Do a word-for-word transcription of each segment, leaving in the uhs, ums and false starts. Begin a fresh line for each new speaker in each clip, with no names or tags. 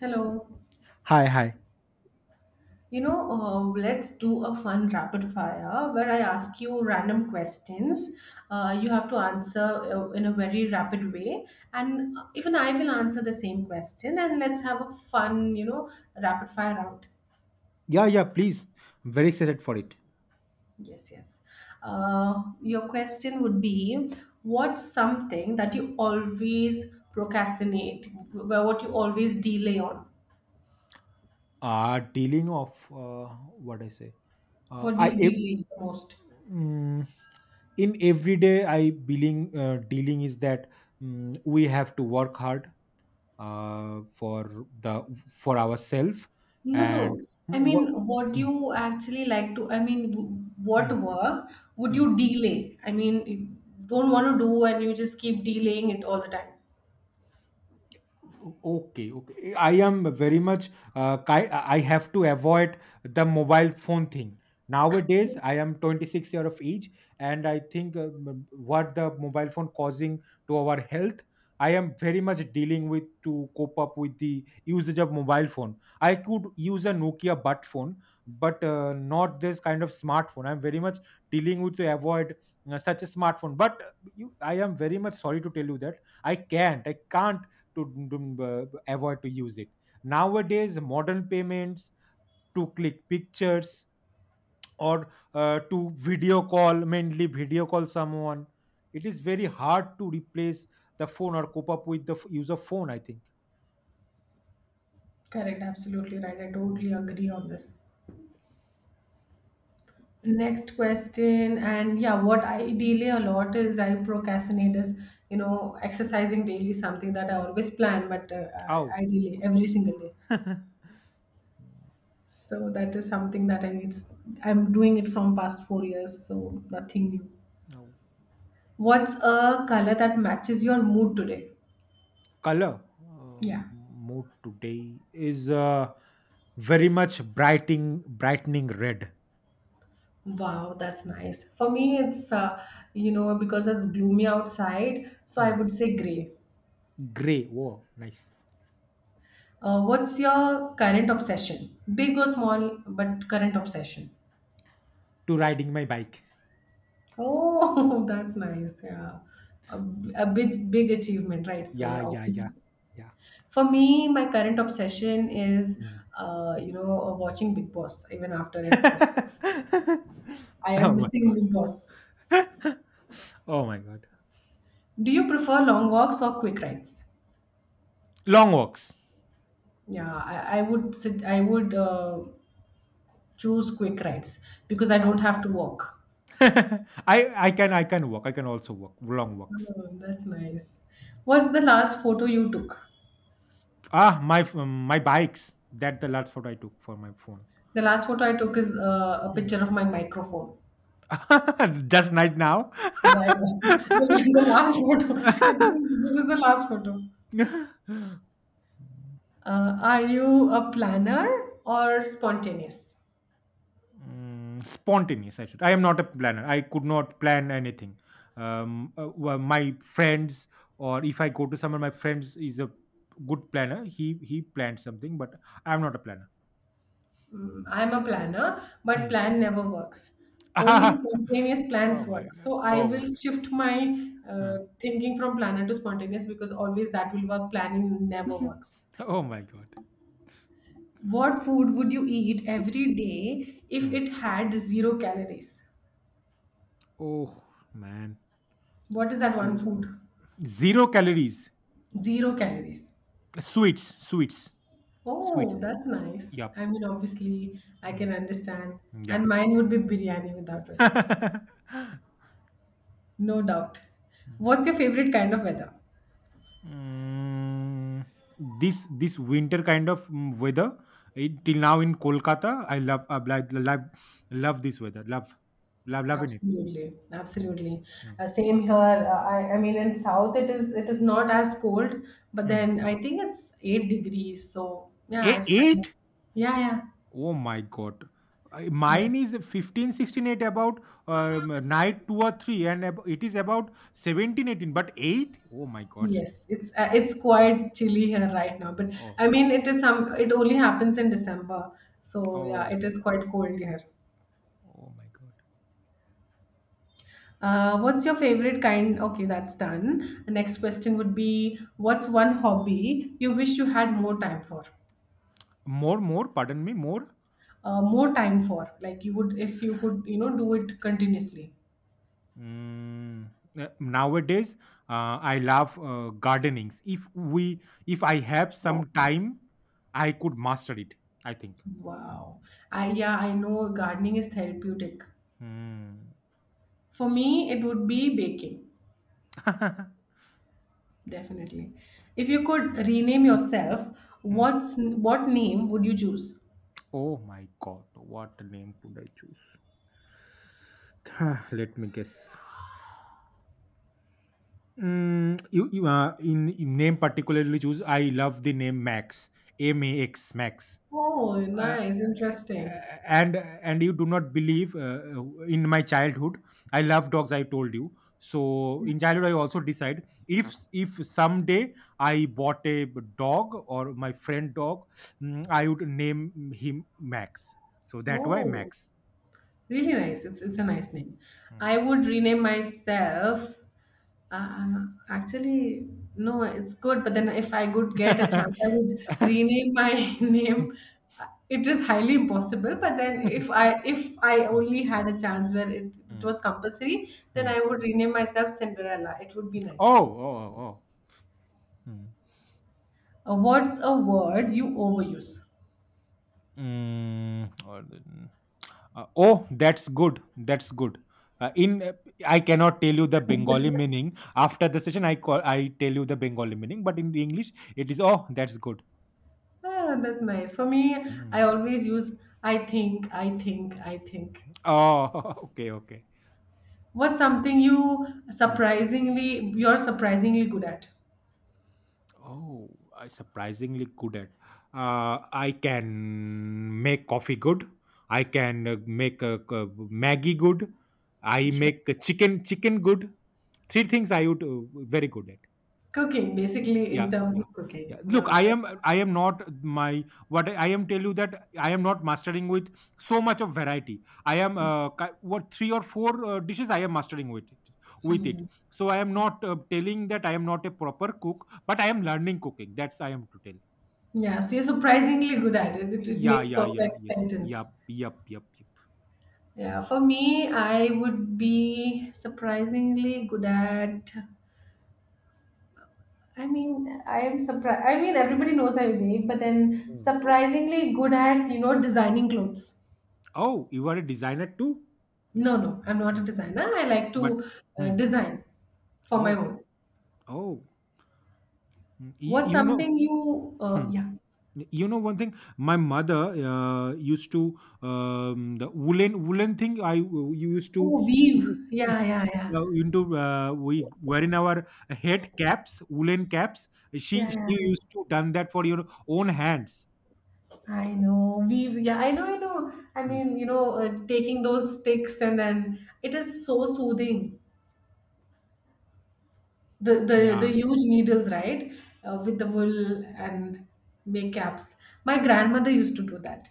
Hello.
Hi, hi.
You know, uh, let's do a fun rapid fire where I ask you random questions. Uh, you have to answer uh, in a very rapid way, and even I will answer the same question. And let's have a fun, you know, rapid fire round.
Yeah, yeah, please. I'm very excited for it.
Yes, yes. Uh, your question would be, what's something that you always procrastinate? wh- What you always delay on?
Uh, dealing of uh, what I say. Uh,
What do
I
you
ev-
delay the most?
mm, in everyday I dealing uh, dealing is that mm, we have to work hard uh, for the for ourselves
No,
and
no.
Mm,
I
wha-
mean, what
mm,
you actually like to, I mean, w- what
mm,
work would
mm.
you delay? I mean, you don't want to do and you just keep delaying it all the time.
Okay, okay. I am very much. Uh, ki- I have to avoid the mobile phone thing. Nowadays, I am twenty-six year of age, and I think uh, m- what the mobile phone causing to our health. I am very much dealing with to cope up with the usage of mobile phone. I could use a Nokia butt phone, but uh, not this kind of smartphone. I'm very much dealing with to avoid uh, such a smartphone. But uh, you, I am very much sorry to tell you that I can't. I can't to dum- uh, avoid to use it nowadays, modern payments, to click pictures or uh, to video call, mainly video call someone. It is very hard to replace the phone or cope up with the f- use of phone, I think.
Correct, absolutely right. I
Oh.
totally agree on this. Next question, and yeah, what I delay a lot is I procrastinate is, you know, exercising daily is something that I always plan, but uh, I
Ow.
I delay every single day.
Now,
So that is something that I need. I'm doing it from past four years, so nothing new. What's a color that matches your mood today?
color,
Yeah.
um, mood today is uh, very much brightening, brightening red.
Wow, that's nice. For me, it's, uh, you know, because it's gloomy outside, so I
Hmm.
would say gray.
Gray. Whoa, nice.
Uh, what's your current obsession? Big or small, but current obsession.
To riding my bike.
Oh, that's nice. Yeah. A, a big, big achievement, right? So,
Yeah,
yeah,
yeah, yeah,
obviously.
yeah.
For me, my current obsession is,
Mm.
uh, you know, watching Big Boss even after it's gone. I am
Oh my
missing
god.
Big Boss.
Oh my god.
Do you prefer long walks or quick rides?
Long walks.
Yeah, I, I would sit, I would uh, choose quick rides because I don't
Ow.
have to walk.
I I can I can walk. I can also walk long walks.
Oh, that's nice. What's the last photo you took?
Ah, my f- my bikes. That the last photo I took for my phone.
The last photo I took is uh, a
Mm.
picture of my microphone.
Just right now.
Right. the the last photo. It is- This is the last photo. Uh, are you a planner or spontaneous?
Mm, spontaneous, I should. I am not a planner. I could not plan anything. Um, uh, well, my friends, or if I go to someone, my friends is a good planner. He he planned something, but I'm not a planner.
Mm, I'm a planner, but
Hmm.
plan never works. Only spontaneous plans
Oh my
work.
god.
So I
Oh my
will
god.
shift my uh, thinking from planner to spontaneous because always that will work. Planning never
Huh.
works.
Oh my god.
What food would you eat every day if
Hmm.
it had zero calories?
Oh man.
What is that one
Zero.
food?
Zero calories.
Zero calories.
Sweets, sweets, sweets.
Oh, that's nice.
Yup.
I mean, obviously, I
Mm.
can understand. And
Yeah.
mine would be biryani without a doubt. No doubt. What's your favorite kind of weather?
Mm, this this winter kind of mm, weather, it, till now in Kolkata. I love uh, like, love love this weather. Love love loving it.
Absolutely,
Mm,
absolutely.
mm,
Uh, same here. Uh, I, I mean, in South it is it is not as cold, but
mm.
then I think it's eight degrees. So yeah,
A-
it's fine.
eight?
Yeah, yeah,
Oh my god. I-
yeah.
Mine is fifteen, sixteen, eight about um, night two or three and ab- it is about seventeen, eighteen. But eight? Oh my god.
Yes, it's uh, it's quite chilly here right now. But I
Oh,
mean, it is some. It only happens in December. So yeah,
oh
it
my
is
god.
quite cold here.
Oh my god.
Uh, what's your favorite kind? Okay, that's done. The next question would be, what's one hobby you wish you had more time for?
More, more, pardon me, more?
Uh, more time for, like, you would if you could, you know do it continuously.
Mm, uh, nowadays, uh, I love uh, gardenings. If we, if I have
Wow.
some time, I could master it, I think.
Wow. I, yeah, I know gardening is therapeutic.
Mm.
For me, it would be baking, definitely. If you could rename yourself,
Mm.
what's what name would you choose?
Oh my God! What name could I choose? Ah, let me guess. Mm, you, you uh, in, in name particularly choose. I love the name Max. M A X. Max.
Oh,
uh,
nice, interesting.
and and you do not believe uh, in my childhood I love dogs, I told you. So, in childhood I also decide, if if someday I bought a dog or my friend dog, mm, I would name him Max. So that why
Oh,
Max.
really nice. It's it's a
Yeah.
nice name.
Hmm.
I would rename myself. Uh, actually, no, it's good. But then, if I could get a chance, I would rename my name. Uh, It is highly impossible. But then, if I if I only had a chance where it, it
Hmm.
was compulsory, then
Hmm.
I would rename myself Cinderella. It would be
Oh
nice.
oh oh oh. Hmm.
Uh, what's a word you overuse?
Mm. or the- Uh, oh, that's good. That's good. Uh, in uh, I cannot tell you the Bengali meaning after the session. I call I tell you the Bengali meaning, but in English it is, oh, that's good.
Ah, that's nice. For me, I
Mm.
always use I think, I think, I think.
Oh. Okay, okay.
What's something you
Mm.
surprisingly you're surprisingly good at?
Oh, I surprisingly good at. Uh, I can make coffee good. I can uh, make uh, c- Maggie good. I
Sure.
make chicken chicken good. Three things I would uh, very good at.
Cooking, basically, in
Yeah,
terms
yeah,
of cooking.
yeah. Look,
Wow.
I
That—
am I am not my what I am tell you that I am not mastering with so much of variety. I am uh, ki- what three or four uh, dishes I am mastering with it, with it. So I am not uh, telling that I am not a proper cook, but I am learning cooking. That's I am to tell.
yeah, so you're surprisingly good at it. It, it
Yeah,
makes
yeah, yeah.
perfect
Yes.
sentence.
Yep, yep, yep, yep.
Yeah, for me, I would be surprisingly good at. I mean, I am surprised. I mean, everybody knows I bake, but then
Hmm.
surprisingly good at, you know, designing clothes.
Oh, you are a designer too?
No, no, I'm not a
Hmm.
designer. I like
But
to uh,
hmm.
design for my
Oh,
own.
oh. Hmm. You,
What's
you know.
something you uh,
Hmm.
yeah.
You know, one thing my mother uh, used to um, the woolen woolen thing, I you used to
Oh, weave. Yeah, yeah, yeah.
uh, into uh, we wearing our head caps, woolen caps. she
Yeah,
she
yeah.
used to done that for your own hands.
I know. Weave. Yeah, I know, I know. I
Mm.
mean, you know, uh, taking those sticks and then it is so soothing. The the the
Yeah.
huge needles, right? Uh, with the wool and make caps. My grandmother used to do that.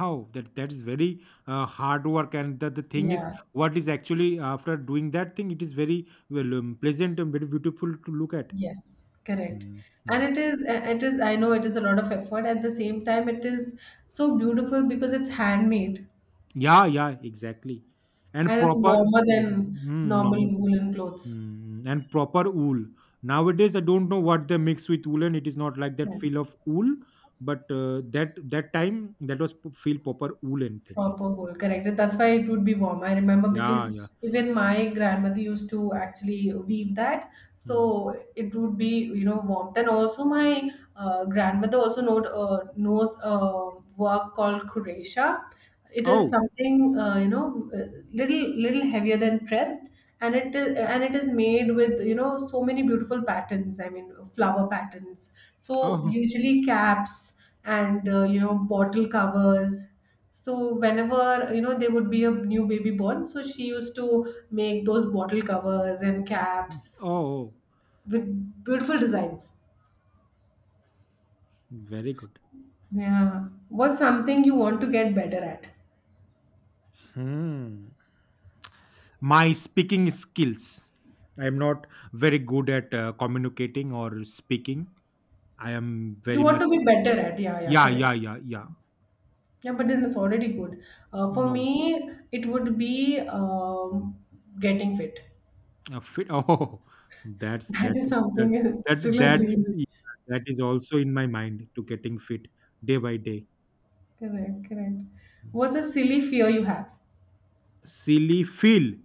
How, that that is very uh, hard work, and the, the thing is
Yeah.
what is actually after doing that thing it is very well, um, pleasant and very beautiful to look at.
Yes, correct. And
Mhm.
it is, uh, it is, I know it is a lot of effort. At the same time, it is so beautiful because it's handmade.
Yeah, yeah, exactly. And
And it's
proper
warmer than
mm,
normal
normal thing.
woolen clothes.
Mm, and proper wool. Nowadays, I don't know what they mix with wool, and it is not like that
Okay.
feel of wool. But uh, that that time, that was p- feel proper woolen thing, I think.
Proper hole, correct. That's why it would be warm. I remember because
Yeah, yeah.
even my grandmother used to actually weave that,
Mm.
so it would be, you know, warm. Then also my uh, grandmother also know uh, knows a work called Kuresha. It is
Oh,
something, uh, you know uh, little little heavier than thread, and it is and it is made with, you know, so many beautiful patterns. I mean, flower patterns. So
oh,
usually caps and, uh, you know bottle covers, so whenever, you know, there would be a new baby born, so she used to make those bottle covers and caps
oh,
with beautiful designs.
very good.
Yeah. What's something you want to get better at?
Hmm. My speaking skills. I am not very good at uh, communicating or speaking. I am
You
very
want
much.
to be better at, yeah, yeah,
Yeah,
correct.
yeah, yeah, yeah.
Yeah, but then it's already good. Uh, for
No.
me, it would be um, getting fit.
A fit. Oh, that's
That
that
is
that
something it's
that
still a
that
dream.
yeah, that is also in my mind to getting fit day by day.
Correct, correct. What's a silly fear you have?
Silly feel,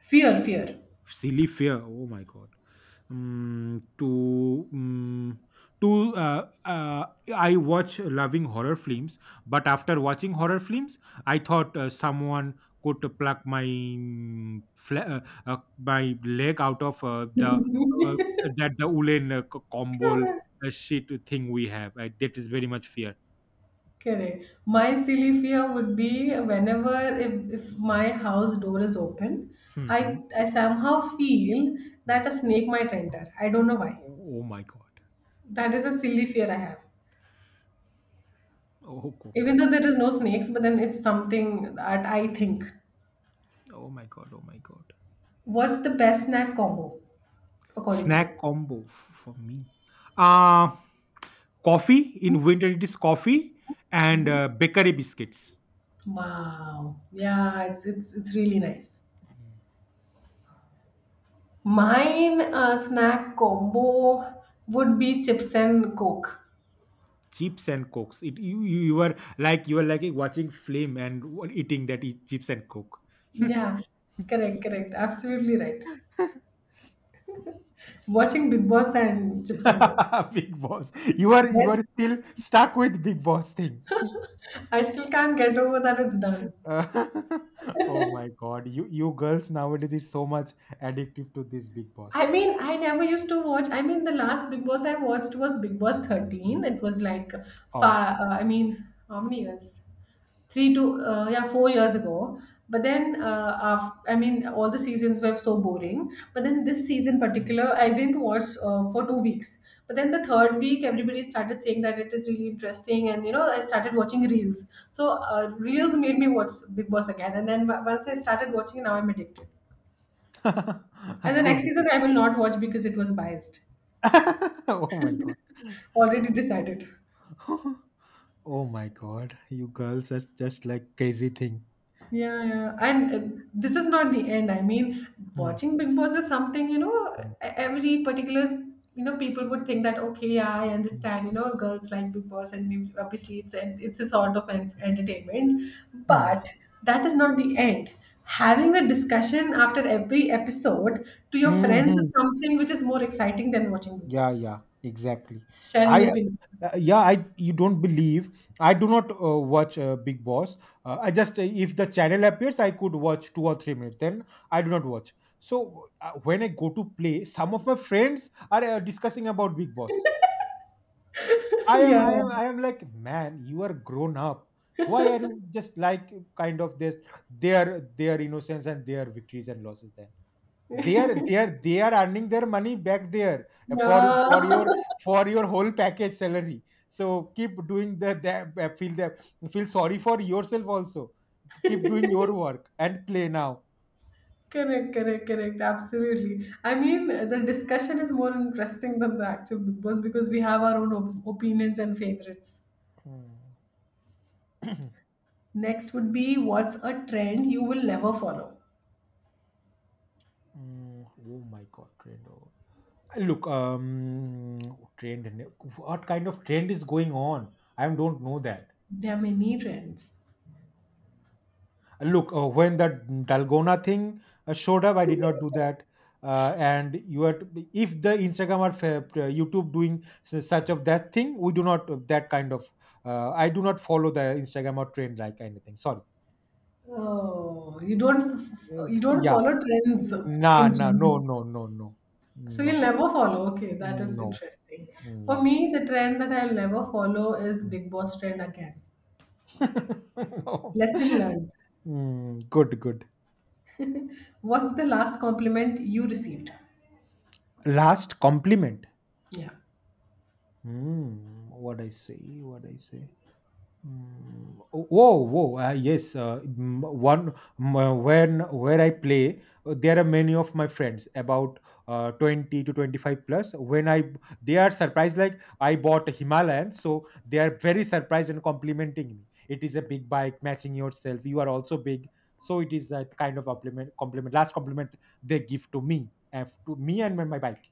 Fear, fear.
silly fear. Oh my god. Mm, to mm, to uh, uh, I watch loving horror films, but after watching horror films, I thought uh, someone could pluck my mm, fla- uh, uh, my leg out of uh, the uh, that the woolen uh, co- combo
Correct.
uh, shit thing we have. I, that is very much fear.
Correct. My silly fear would be whenever if, if my house door is open, I
Mhm.
I somehow feel that
Mm.
a snake might enter. I don't know why.
Oh, oh my god!
That is a silly fear I have.
Oh, oh my
Even though
god!
there is no snakes, but then it's something that I think.
Oh my god! Oh my god!
What's the best snack combo according to
Snack
you?
combo f- for me. Uh, coffee. In winter, it is coffee and
Mhm.
uh, bakery biscuits.
Wow. Yeah, it's it's it's really nice.
Mm.
Mine uh, snack combo would be chips and coke.
Chips and cokes. It you, you you are like you are like watching flame and w- eating, that is chips and coke.
Yeah, correct, correct. Absolutely right. Watching Big Boss and Chips and Go.
Big Boss. You are you are
Yes,
still stuck with Big Boss thing.
I still can't get over that it's done.
Uh, oh my God, you you girls nowadays is so much addictive to this Big
I
Boss.
mean, I never used to watch. I mean, the last Big Boss I watched was Big Boss
Mm.
thirteen. It was like,
Oh,
far, uh, I mean, how many years? three to uh, yeah, four years ago. But then uh, af- I mean, all the seasons were so boring, but then this season
mm.
particular I didn't watch uh, for two weeks. But then the third week everybody started saying that it is really interesting, and, you know, I started watching reels. So uh, reels made me watch Big Boss again, and then w- once I started watching, now I'm addicted. And the next
Good,
season
good.
I will not watch because it was biased.
Oh my god.
Already decided.
Oh my god. You girls are just like crazy thing.
Yeah, yeah. And uh, this is not the end. I mean,
Hmm,
watching Big Boss is something, you know, e-
hmm,
every particular, you know, people would think that, okay, yeah, I
hmm,
understand, you know, girls like Big Boss, and we- obviously it's, and it's a sort of an entertainment.
hmm.
But that is not the end. Having a discussion after every episode to your friends is
Mhm.
something which is more exciting than watching Big
Yeah,
Boss.
yeah, exactly.
Sharing
I
opinions.
uh, yeah, I you don't believe. I do not uh, watch uh, Big Boss. Uh, I just uh, if the channel appears, I could watch two or three minutes. Then I do not watch. So uh, when I go to play, some of my friends are uh, discussing about Big Boss. I am,
Yeah.
I am, I am like, man, you are grown up. Why are you just like kind of this their their innocence and their victories and losses? Then they are they are they are earning their money back there uh, for
Yeah.
for your for your whole package salary. So keep doing the, the uh, feel the feel sorry for yourself also. Keep doing your work and play now.
Correct, correct, correct. Absolutely. I mean, the discussion is more interesting than the actual Big Boss because we have our own op- opinions and favorites.
Mm.
Next would be, what's a trend you will never follow?
Mm. Oh my God, Trendo. Look, um, trend. What kind of trend is going on? I don't know that.
There are many trends.
Look, uh, when that Dalgona thing uh, showed up, I did not do that. Uh, and you are to- if the Instagram or fa- uh, YouTube doing s- such of that thing, we do not uh, that kind of. Uh, I do not follow the Instagram or trend like anything. Sorry.
Oh, you don't f-
Uh,
you
f-
don't
Yeah.
follow trends
Nah.
in
Nah. No.
general.
No. No. No.
So
No.
you'll never follow. Okay, that is
No. No.
interesting.
No.
For me, the trend that I'll never follow is Big Boss trend again. Lesson learned.
Mm, good, good.
What's the last compliment you received?
Last compliment.
Yeah.
Hmm, what I say? What I say? Mm, whoa, whoa! Uh, yes, uh, m- one m- uh, when where I play, uh, there are many of my friends about uh, twenty to twenty-five plus. When I they are surprised, like I bought a Himalayan, so they are very surprised and complimenting me. It is a big bike matching yourself. You are also big, so it is a kind of compliment. Compliment, last compliment they give to me, uh, to me and my my bike.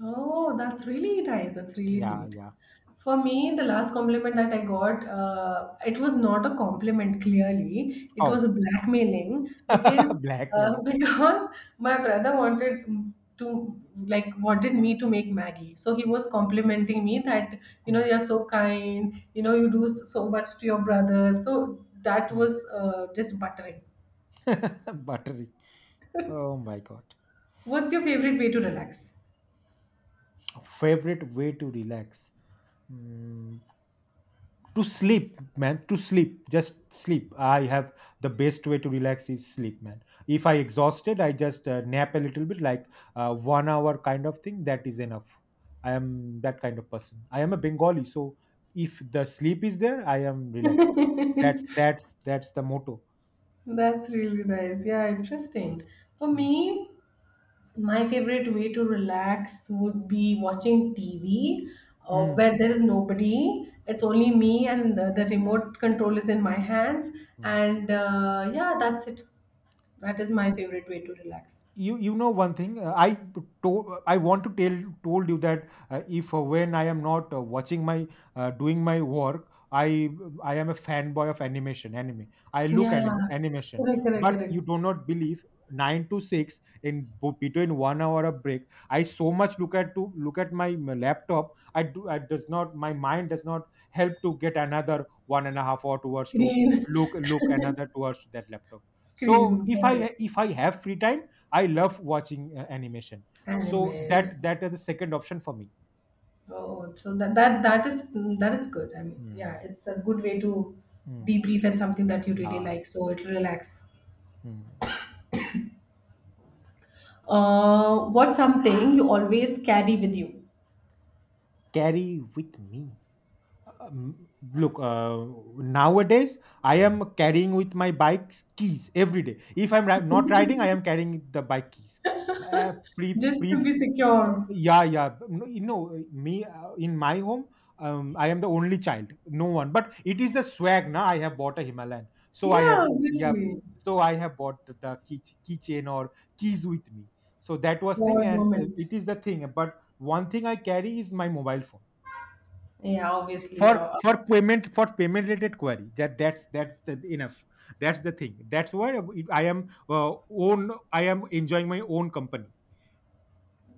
Oh, that's really nice. That's really
Yeah,
sweet.
yeah.
For me, the last compliment that I got, uh, it was not a compliment clearly. It was a
Oh,
blackmailing because uh,
blackmailing.
because my brother wanted to, like, wanted me to make Maggie. So he was complimenting me that, you know,
Hmm,
you're so kind, you know, you do so much to your brother. So that
hmm.
was uh, just buttering.
Buttery. Oh my god.
What's your favorite way to relax?
Favorite way to relax. Mm, to sleep, man. To sleep. Just sleep. I have the best way to relax is sleep, man. If I exhausted, I just uh, nap a little bit, like uh, one hour kind of thing. That is enough. I am that kind of person. I am a Bengali, so if the sleep is there, I am relaxed. That's that's that's the motto.
That's really nice. Yeah, interesting. For me, my favorite way to relax would be watching T V uh,
Mm.
where there is nobody. It's only me, and uh, the remote control is in my hands.
Mm.
And uh, yeah, that's it. That is my favorite way to relax.
you you know one thing uh, I told I want to tell told you that uh, if uh, when I am not uh, watching my uh, doing my work, i i am a fanboy of animation, anime. I look
Yeah,
anime, animation.
correct, correct,
But you
correct.
do not believe, nine to six in bo- between one hour of break I so much look at to look at my m- laptop. I do I does not, my mind does not help to get another one and a half hour towards to
Screen,
look look another towards that laptop. So
screen,
if
correct.
I if I have free time, I love watching uh, animation. So
Anime.
that that is the second option for me.
Oh, so that that that is that is good. I mean, yeah,
Hmm.
it's a good way to
Mm.
debrief and something that you really
Nah.
like, so it'll relax.
Hmm.
Uh, what's something you always carry with you
Carry with me. Um, look, uh, Nowadays I am carrying with my bike's keys every day. If I'm ri- not riding, I am carrying the bike keys. Uh, pre,
just
pre,
to be
uh,
secure?
yeah, yeah. b- No, you know, me uh, in my home, um, I am the only child, no one. But it is a swag, na. I have bought a Himalayan, so I have,
Yeah,
yeah,
obviously.
so I have bought the the key keychain or keys with me. So that was
For
thing,
a
and uh,
moment.
it is the thing. But one thing I carry is my mobile phone
Yeah, obviously. Yeah.
for for payment for payment related query that that's that's the enough that's the thing that's why I am uh, own I am enjoying my own company.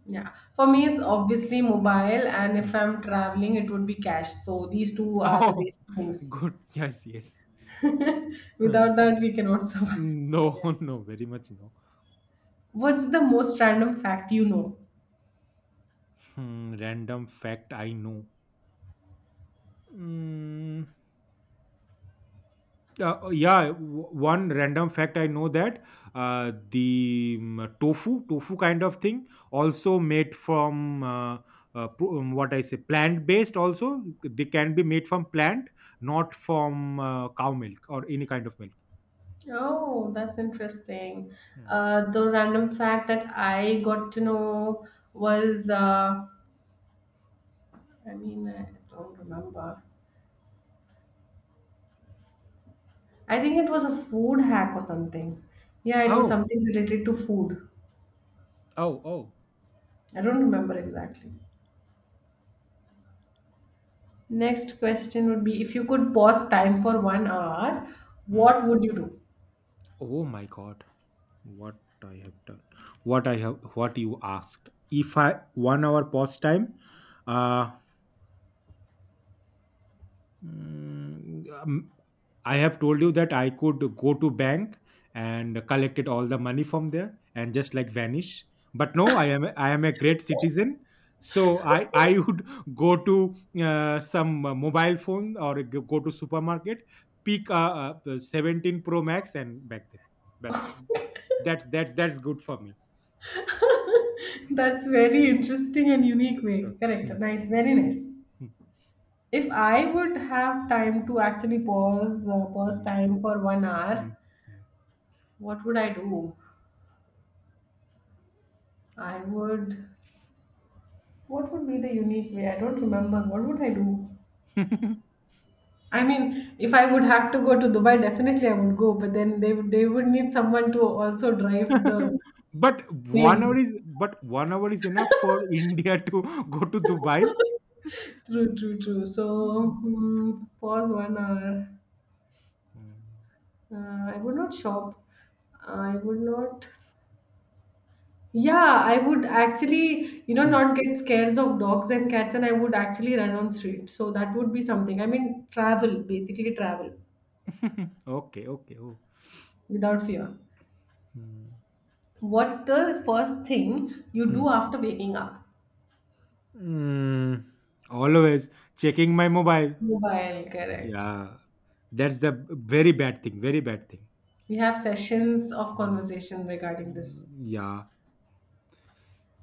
Yeah. For me,
Mm,
it's obviously mobile, and if
mm.
I'm traveling, it would be cash. So these two are the
Oh,
basic things.
good, yes, yes. Uh,
Without that, we cannot survive. So,
no.
yeah.
No, very much no.
What's the most random fact you know?
Hmm, random fact I know. Mm. Uh, oh, yeah, w- one random fact I know that uh, the um, tofu, tofu kind of thing, also made from uh, uh, pro- um, what I say, plant based. Also, they can be made from plant, not from uh, cow milk or any kind of milk.
Oh, that's interesting.
Hmm.
Uh, the random fact that I got to know was, uh, I mean, I don't remember. I think it was a food hack or something. Yeah, it was
Oh,
something related to food.
oh, oh.
I don't remember exactly. Next question would be if you could pause time for one hour,
Hmm.
what would you do?
Oh my God, what I have done, what I have, what you asked. If I one hour pause time, uh, Mm, um, I have told you that I could go to bank and collected all the money from there and just like vanish. But no, I am I am a great citizen. So I I would go to uh, some uh, mobile phone or g- go to supermarket, pick a, a seventeen Pro Max and back then. That's that's that's that's good for me.
That's very interesting and unique
Uh,
way. Correct.
mm,
Nice. Very
mm,
nice.
mm,
If I would have time to actually pause uh, pause
mm,
time for one hour,
mm.
what would I do? I would. What would be the unique way? I don't remember. What would I do?
mm.
I mean, if I would have to go to Dubai, definitely I would go. But then they would they would need someone to also drive the
but one hour
plane.
is but one hour is enough for India to go to Dubai.
True, true, true. So
Mm.
hmm, pause one hour.
Mm.
Uh, I would not shop. I would not. Yeah, I would actually, you know, not get scares of dogs and cats, and I would actually run on street. So that would be something. I mean, travel, basically travel.
Okay, okay. Oh.
Without fear.
Mm.
What's the first thing you
Mm.
do after waking up?
Mm. Always checking my mobile.
Mobile, correct.
Yeah, that's the very bad thing. Very bad thing.
We have sessions of
Mm.
conversation regarding this.
Mm, yeah.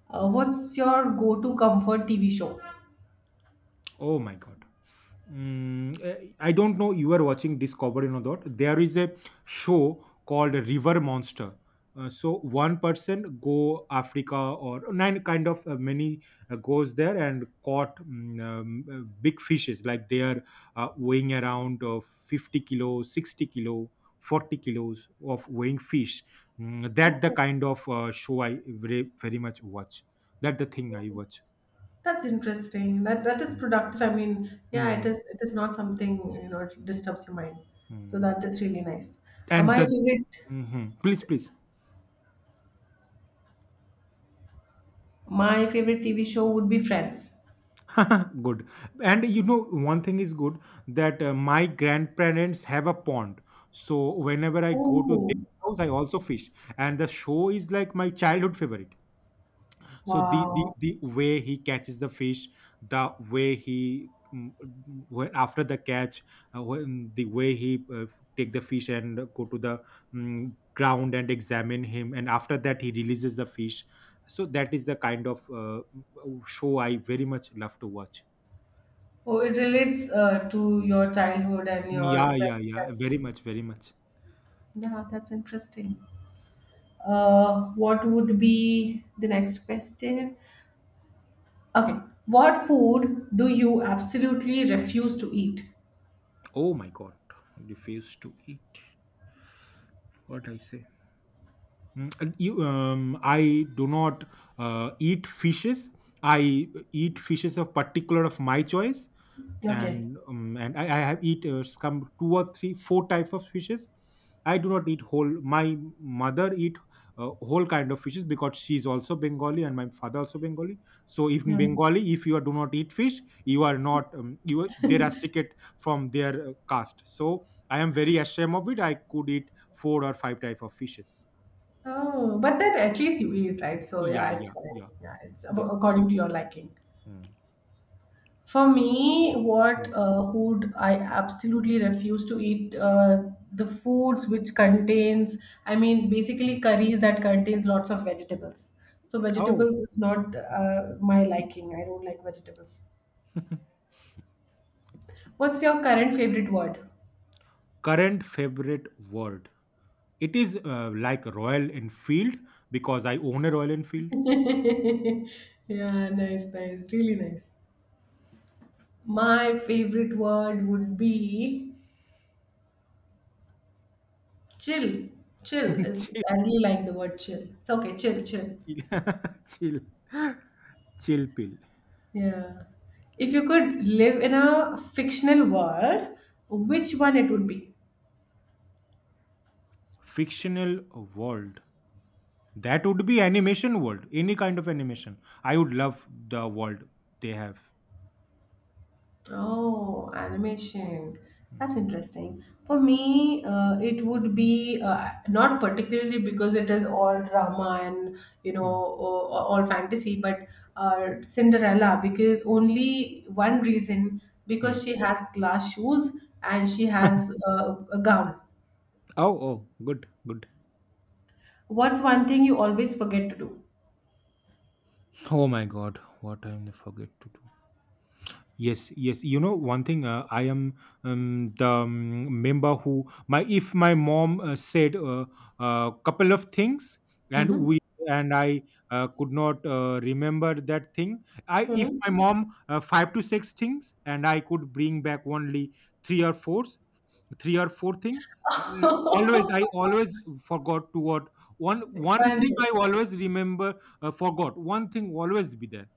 Uh, what's your go-to comfort T V show?
Oh my god. Mm, eh, I don't know you are watching Discovery or not. There is a show called River Monster. Uh, so one person go Africa or nine kind of uh, many uh, goes there and caught mm, um, uh, big fishes like they are uh, weighing around uh, fifty kilo, sixty kilo, forty kilos of weighing fish. Mm, that the
Oh,
kind of uh, show I very, very much watch. That the thing I watch.
that's interesting. That that is
Mm,
productive. I mean, yeah, it
mm,
is. It is not something you know it disturbs your mind. So
mm.
that is really nice. Uh,
And
my
the
favorite,
mhm. Please, please.
my favorite T V show would be Friends.
Good. And you know one thing is good that uh, my grandparents have a pond, so whenever I go to
Oh,
their house I also fish, and the show is like my childhood favorite. So the the,
wow.
the way he catches the fish, the way he mm, mm, when after the catch, uh, when the way he uh, take the fish and go to the mm, ground and examine him and after that he releases the fish. So that is the kind of uh, mm, show I very much love to watch.
Oh, it relates uh, to your childhood and your
Yeah, yeah,
present
yeah.
life.
Very much, very much.
Yeah, that's interesting. Uh, what would be the next question? Okay. What food do you absolutely refuse to eat?
Oh my god. Refuse to eat. What I say? Mm, and you, um, I do not uh, eat fishes. I eat fishes of particular of my choice,
Okay.
and um, and I, I have eat uh, some two or three, four type of fishes. I do not eat whole. My mother eat uh, whole kind of fishes because she is also Bengali and my father also Bengali. So if in
Yeah.
Bengali, if you are, do not eat fish, you are not um, you are- they rusticate from their uh, caste. So I am very ashamed of it. I could eat four or five type of fishes.
Oh, but then at least you eat, right? So
Yeah,
yeah, it's
yeah, yeah.
yeah, it's ab-
Yes.
according to your liking.
Mm.
For me, what
Mm,
uh, food I absolutely refuse to eat uh, the foods which contains, I mean, basically
mm.
curries that contains lots of vegetables. So
Oh,
vegetables is not uh, my liking. I don't like vegetables. What's your current favorite word?
current favorite word. It is uh, like Royal Enfield because I own a Royal Enfield.
Yeah, nice, nice, really nice. My favorite word would be chill. Chill.
Chill,
I really like the word chill. It's okay, chill,
okay,
chill.
chill, chill, chill pill.
Yeah. If you could live in a fictional world,
Mm.
which one it would be?
Fictional world. That would be animation world. Any kind of animation. I would love the world they have.
Oh, animation. That's
Mm,
interesting. For me, uh, it would be uh, not particularly because it is all drama and you know
mm,
all, all fantasy, but uh, Cinderella because only one reason
mm.
because she has glass shoes and she has uh, a gown.
Oh, oh, good, good.
What's one thing you always forget to do?
Oh my God, what I forget to do. Yes, yes. You know, one thing, uh, I am um, the um, member who my if my mom uh, said a uh, uh, couple of things and
Mm-hmm.
we and I uh, could not uh, remember that thing. I if my mom uh, five to six things and I could bring back only three or four, three or four thing. Uh, always, I always forgot to what one one
And
thing I always remember uh, forgot. One thing always be there.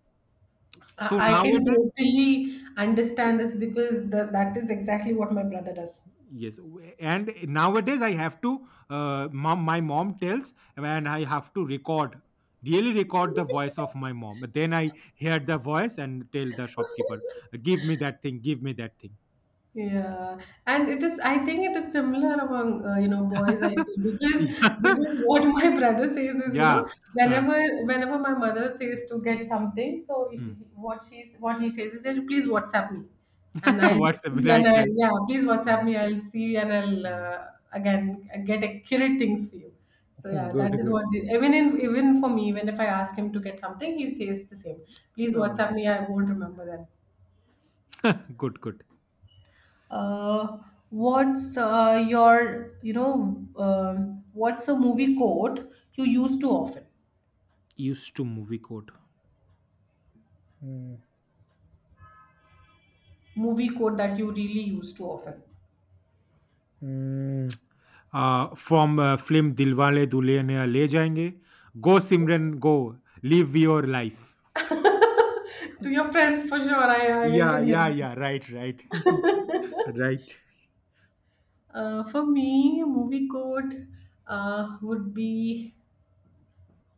So
I, I can
nowadays.
totally understand this because the, that
Yes.
is exactly what my brother does.
Yes, w- and nowadays I have to uh, mom, my mom tells and I have to record, really record the voice of my mom, then I hear the voice and tell the shopkeeper, give me that thing, give me that thing.
Yeah, and it is. I think it is similar among uh, you know boys. I feel because
Yeah.
because what my brother says is you
Yeah.
know
Uh,
whenever whenever my mother says to get something, so he- he-
hmm.
what she's what he says is that please WhatsApp me, and I'll just
What's the
see and
right
I'll
right.
yeah please WhatsApp
Mm,
me. I'll see and I'll
mm.
uh, again get accurate things for you. So yeah,
Good,
that is
good.
what it- even in, even for me, even if I ask him to get something, he says the same. Please
Oh my
WhatsApp me. I won't remember that.
god. Good, good.
Uh, what's uh, your, you know, um what's a movie quote you use too often?
Used to movie code.
Movie quote that you really use too often.
Hmm. uh, from uh, film Dilwale Dulhania Le Jayenge. Go Simran, go live your life.
To your friends, for sure. I, I, I
Yeah,
can get
yeah,
that.
yeah. Right, right, right.
Uh, for me, a movie quote uh, would be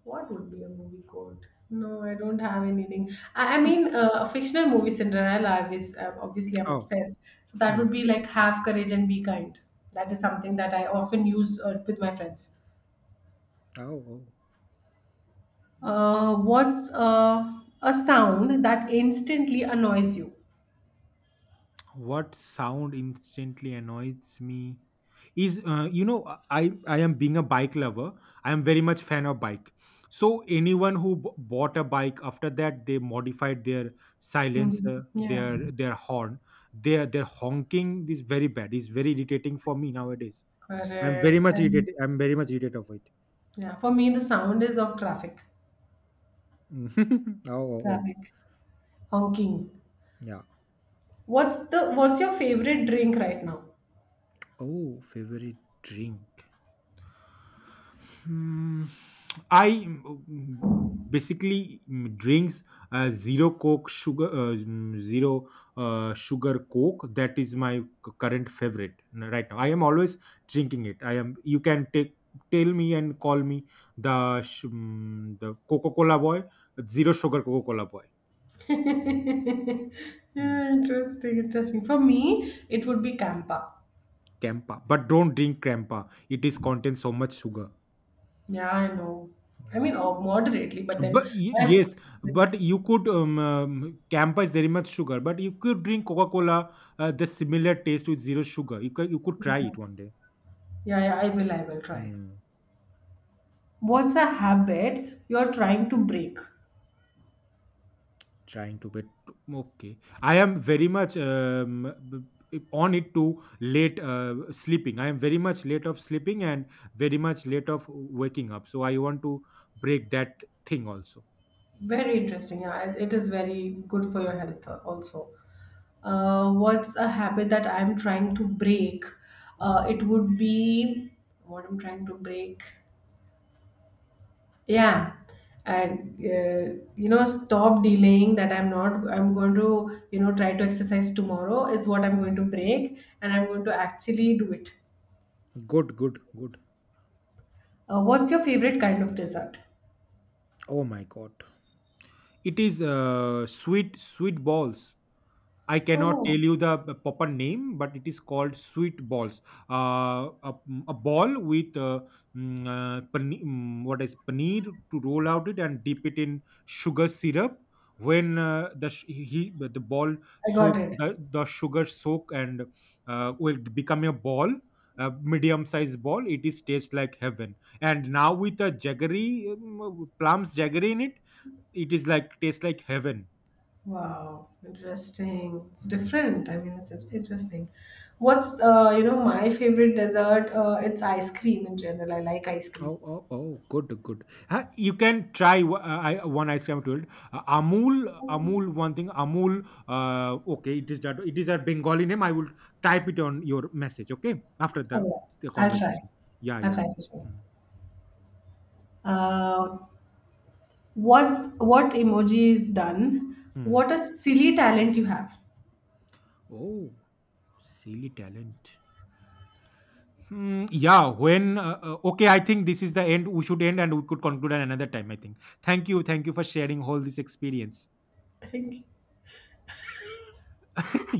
what would be a movie quote? No, I don't have anything. I, I mean, uh, a fictional movie Cinderella. Obviously, obviously, I'm
Oh.
obsessed. So that
Hmm.
would be like have courage and be kind. That is something that I often use uh, with my friends.
Oh, oh.
Uh, what's uh, a sound that instantly annoys you?
What sound instantly annoys me is, uh, you know, I I am being a bike lover. I am very much fan of bike. So anyone who b- bought a bike after that they modified their
Mhm.
silencer,
Yeah,
their their horn, their their honking is very bad. It's very irritating for me nowadays. I'm
correct.
very much
And
irritated. I'm very much irritated of it.
yeah, for me, the sound is of traffic.
Oh, oh, oh,
Traffic. Honking.
yeah.
What's the what's your favorite drink right now?
Oh, favorite drink. Hmm, I mm, basically mm, drinks uh, zero coke sugar uh, mm, zero uh, sugar coke. That is my c- current favorite n- right now. I am always drinking it. I am. You can take tell me and call me the sh- mm, the Coca Cola boy, zero sugar Coca Cola boy.
Yeah, interesting, interesting. For me, it would be Campa.
Campa, but don't drink Campa. It is contains so much sugar.
Yeah, I know. I
Mm.
mean, oh, moderately, but then
But y-
my
yes,
yeah,
but you could um, um, Campa is very much sugar, but you could drink Coca Cola. Uh, the similar taste with zero sugar. You could you could try it one day.
yeah, yeah, I will, I will try.
Hmm.
What's a habit you're trying to break?
Trying to but okay. I am very much um, b- b- on it to late uh, sleeping. I am very much late of sleeping and very much late of waking up. So I want to break that thing also.
Very interesting. Yeah, it it is very good for your health uh, also. Uh, what's a habit that I'm trying to break? Uh, it would be what I'm trying to break. Yeah, and uh, you know, stop delaying that I'm not. I'm going to you know try to exercise tomorrow is what I'm going to break, and I'm going to actually do it.
Good, good, good.
Uh, what's your favorite kind of dessert?
Oh my God. It is uh, sweet sweet balls. I cannot
Oh,
tell you the p- proper name, but it is called sweet balls. Uh, a, mm, a ball with uh, mm, uh, pane- mm, what is paneer to roll out it and dip it in sugar syrup. When uh, the sh- he, the ball
I got
soak
it.
the, the sugar soak and uh, will become a ball, a medium sized ball. It is taste like heaven. And now with a jaggery mm, plums jaggery in it, it is like tastes like heaven.
Wow, interesting. It's
Mm,
different. I mean, it's
mm.
interesting. What's uh, you know, my favorite dessert? Uh, it's ice cream in general. I like ice cream.
Oh, oh, oh, good, good. Uh, you can try w- uh, I, one ice cream I told. Uh, Amul, Amul, one thing, Amul. Uh, okay, it is that. It is a Bengali name. I will type it on your message. Okay, after
Oh,
the, the
yeah. I'll try.
conversation. Yeah,
I'll
yeah.
try for sure.
Mm,
Uh, what's what emoji is done?
mm.
What a silly talent you have.
Oh, silly talent. Hmm, yeah. When uh, uh, Okay, I think this is the end. We should end, and we could conclude at another time. I think. Thank you, thank you for sharing all this experience.
Thank you.